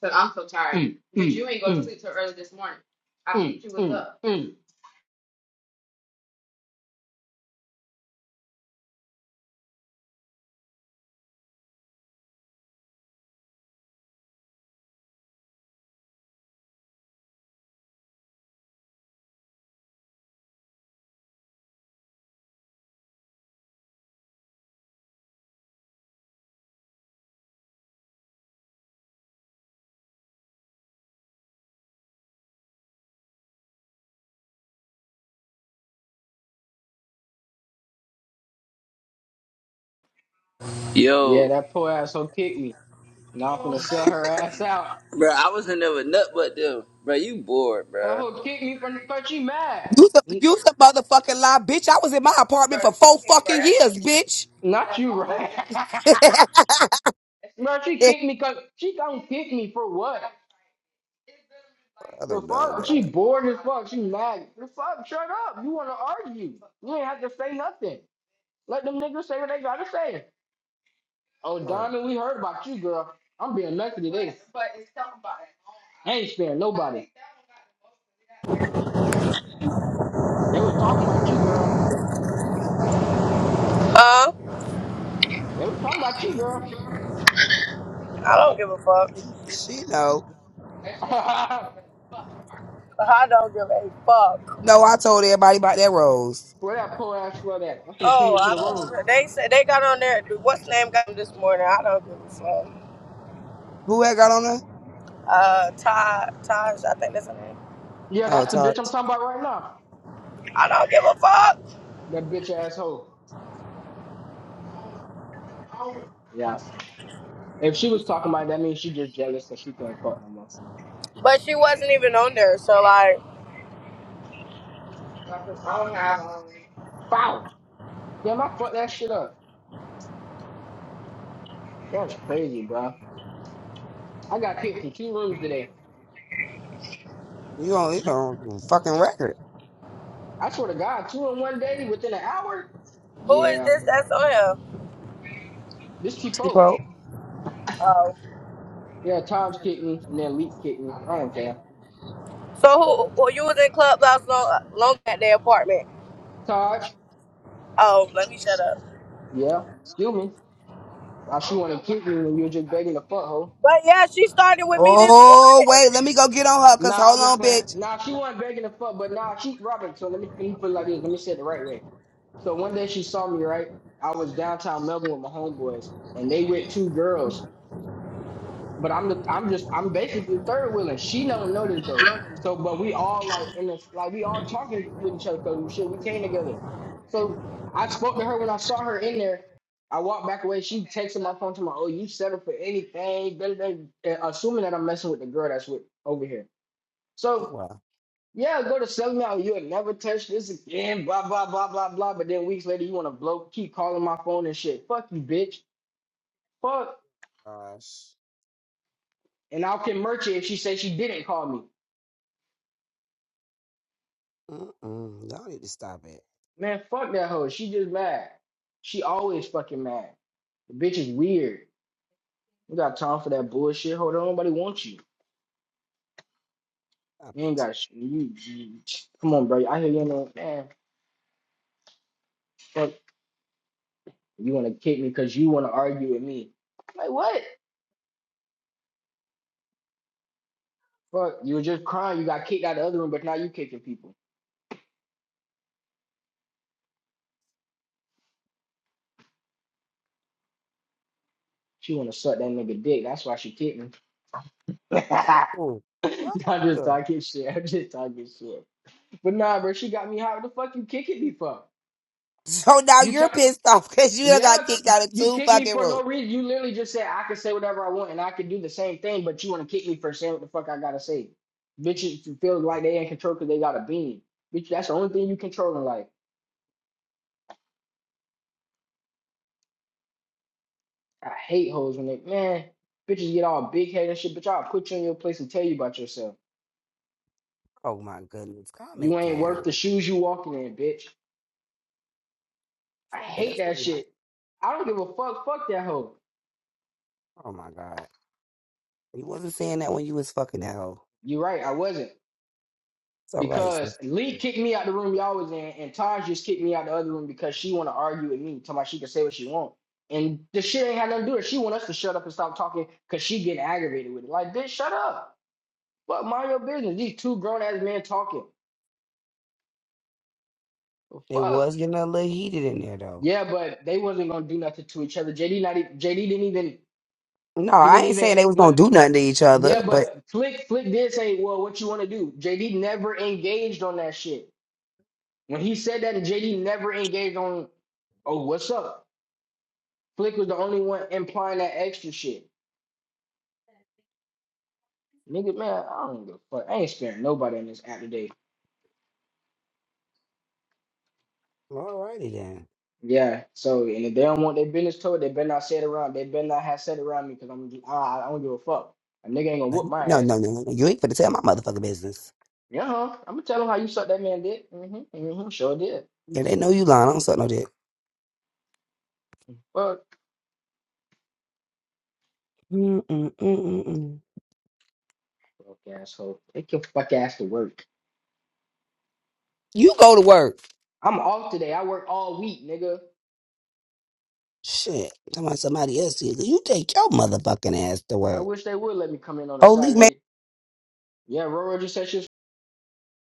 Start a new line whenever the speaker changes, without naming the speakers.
because Mm, mm, mm, mm, mm, mm.
Yo,
Yeah, that poor asshole kicked me. Now I'm finna Oh, sell her ass out.
bro, I was in there with nut but them. Bro, you bored,
That
bro.
hoe kicked me from the cause she mad.
You the,
N-
you the motherfucking lie, bitch. I was in my apartment for four fucking years, bitch.
Not you, right? right.
I
That's Bro, just she kicked me cause she don't kick me for what? For
don't know,
fuck?
man.
She bored as fuck. She mad. For fuck? Shut up. You wanna argue. You ain't have to say nothing. Let them niggas say what they gotta say. Oh,
Oh,
Donna, we heard about you, girl. I'm being lucky today. I ain't sparing nobody. They was talking about you, girl.
Huh?
They was talking about you, girl.
I don't give a fuck.
she, she know.
I don't give a fuck.
No, I told everybody about that rose.
Where that poor ass for that? I'm finna ping
Oh,
her to
I
the room.
don't. They said they got on there. What's name got them this morning? I don't give a fuck.
Who had got on her?
Uh, Ty, Taj, I think that's her name.
Yeah,
Oh,
that's the
Todd,
bitch I'm talking about right now.
I don't give a fuck.
That bitch asshole. Yeah. If she was talking about it, that means she just jealous because she can't fuck no more.
But she wasn't even on there. So like,
Foul. Damn, I fucked that shit up. That's crazy, bro. I got kicked from two rooms today.
you on you on your fucking record,
I swear to God, two in one day within an hour?
who is
Yeah.
this that's on here?
This cheap folk.
bro.
Oh,
Yeah, Todd's kicking and then Leek's kicking. I don't care.
so who? who you was in clubhouse long, long at their apartment.
Todd,
Oh, let me shut up.
yeah, excuse me. Why she wanna kick me when you were just begging the fuck hoe?
But yeah, she started with me this
Oh
morning.
wait, let me go get on her. Cause
Nah,
hold
I'm just
on,
playing.
bitch.
Nah, she wasn't begging the fuck, but nah, she Robert. So let me let me put it like this. Let me say it the right way. So one day she saw me, right? I was downtown Melbourne with my homeboys, and they with two girls. But I'm the I'm just I'm basically third wheeling. She don't know this though. So but we all like in this like we all talking with each other because shit, we came together. So I spoke to her when I saw her in there. I walked back away. She texted my phone to my, oh, you settle for anything, da, da, da," uh, assuming that I'm messing with the girl that's with over here.
Oh
So
wow,
yeah, go to sell me out. You'll never touch this again. Blah blah blah blah blah. But then weeks later, you want to blow, keep calling my phone and shit. Fuck you, bitch. Fuck.
gosh.
And I'll convert you if she says she didn't call me.
Mm-mm, y'all need to stop it.
Man, fuck that hoe. She just mad. She always fucking mad. The bitch is weird. You got time for that bullshit. Hold on, nobody wants you.
Stop
You ain't
it.
got sh You, you- come on, bro. I hear you in man. Fuck, you want to kick me because you want to argue with me. Fuck, you were just crying. You got kicked out of the other room, but now you kicking people. She want to suck that nigga dick. That's why she kicked me.
Ooh, what
I'm just
the-
talking shit. I'm just talking shit. But nah, bro, she got me hot. What the fuck you kicking me for?
So now
You talk.
you're pissed off because you done got
Yeah,
kicked out of
you
two
kick me
fucking
for
rooms.
no reason. You literally just said I can say whatever I want and I can do the same thing, but you want to kick me for saying what the fuck I gotta say. Bitches feel like they ain't control because they got a bean. Bitch, that's the only thing you control in life. I hate hoes when they man, bitches get all big head and shit, bitch. I'll put you in your place and tell you about yourself.
Oh my goodness, calm
You
it
ain't worth the
down.
shoes you walking in, bitch. I
Stop it.
hate
That's not
that
even right.
shit. I don't give a fuck. Fuck that hoe.
Oh my god, you wasn't saying that when you was fucking that hoe.
you right, I wasn't.
It's all right. So
because Lee kicked me out the room y'all was in, and Taj just kicked me out the other room because she want to argue with me, talking about she can say what she want. And the shit ain't had nothing to do with it. She want us to shut up and stop talking because she getting aggravated with it. Like, bitch, shut up. Fuck, mind your business. These two grown ass men talking. Well,
it
Fuck.
was getting a little heated in there though.
Yeah, but they wasn't gonna do nothing to each other. JD not even, JD didn't even
No,
he
I
didn't
ain't
even
saying they was gonna
went.
do nothing to each other,
Yeah,
but
but Flick Flick did say, well, what you want to do? JD never engaged on that shit. When he said that, JD never engaged on. Oh, what's up? Flick was the only one implying that extra shit. Nigga, man, I don't give a fuck. I ain't sparing nobody in this app today.
alrighty then.
Yeah, so and if they don't want their business told, they better not say it around. They better not have said it around me because I'm I, I I don't give a fuck. A nigga ain't gonna
Like,
whoop my
No,
ass.
no, no, no. You ain't finna tell my motherfucking business.
Yeah, huh? I'm gonna tell him how you suck that man dick. Mm-hmm. Mm-hmm. Sure did.
Yeah, they know you lying. I don't suck no dick.
Fuck.
Mm-mm-mm-mm-mm.
Fuck asshole. Take your fuck ass to work.
You go to work.
I'm off today. I work all week, nigga.
Shit. Talking about somebody else. here. You take your motherfucking ass to
I
work.
wish they would let me come in on a
Holy man.
Saturday. Yeah, Roro just said she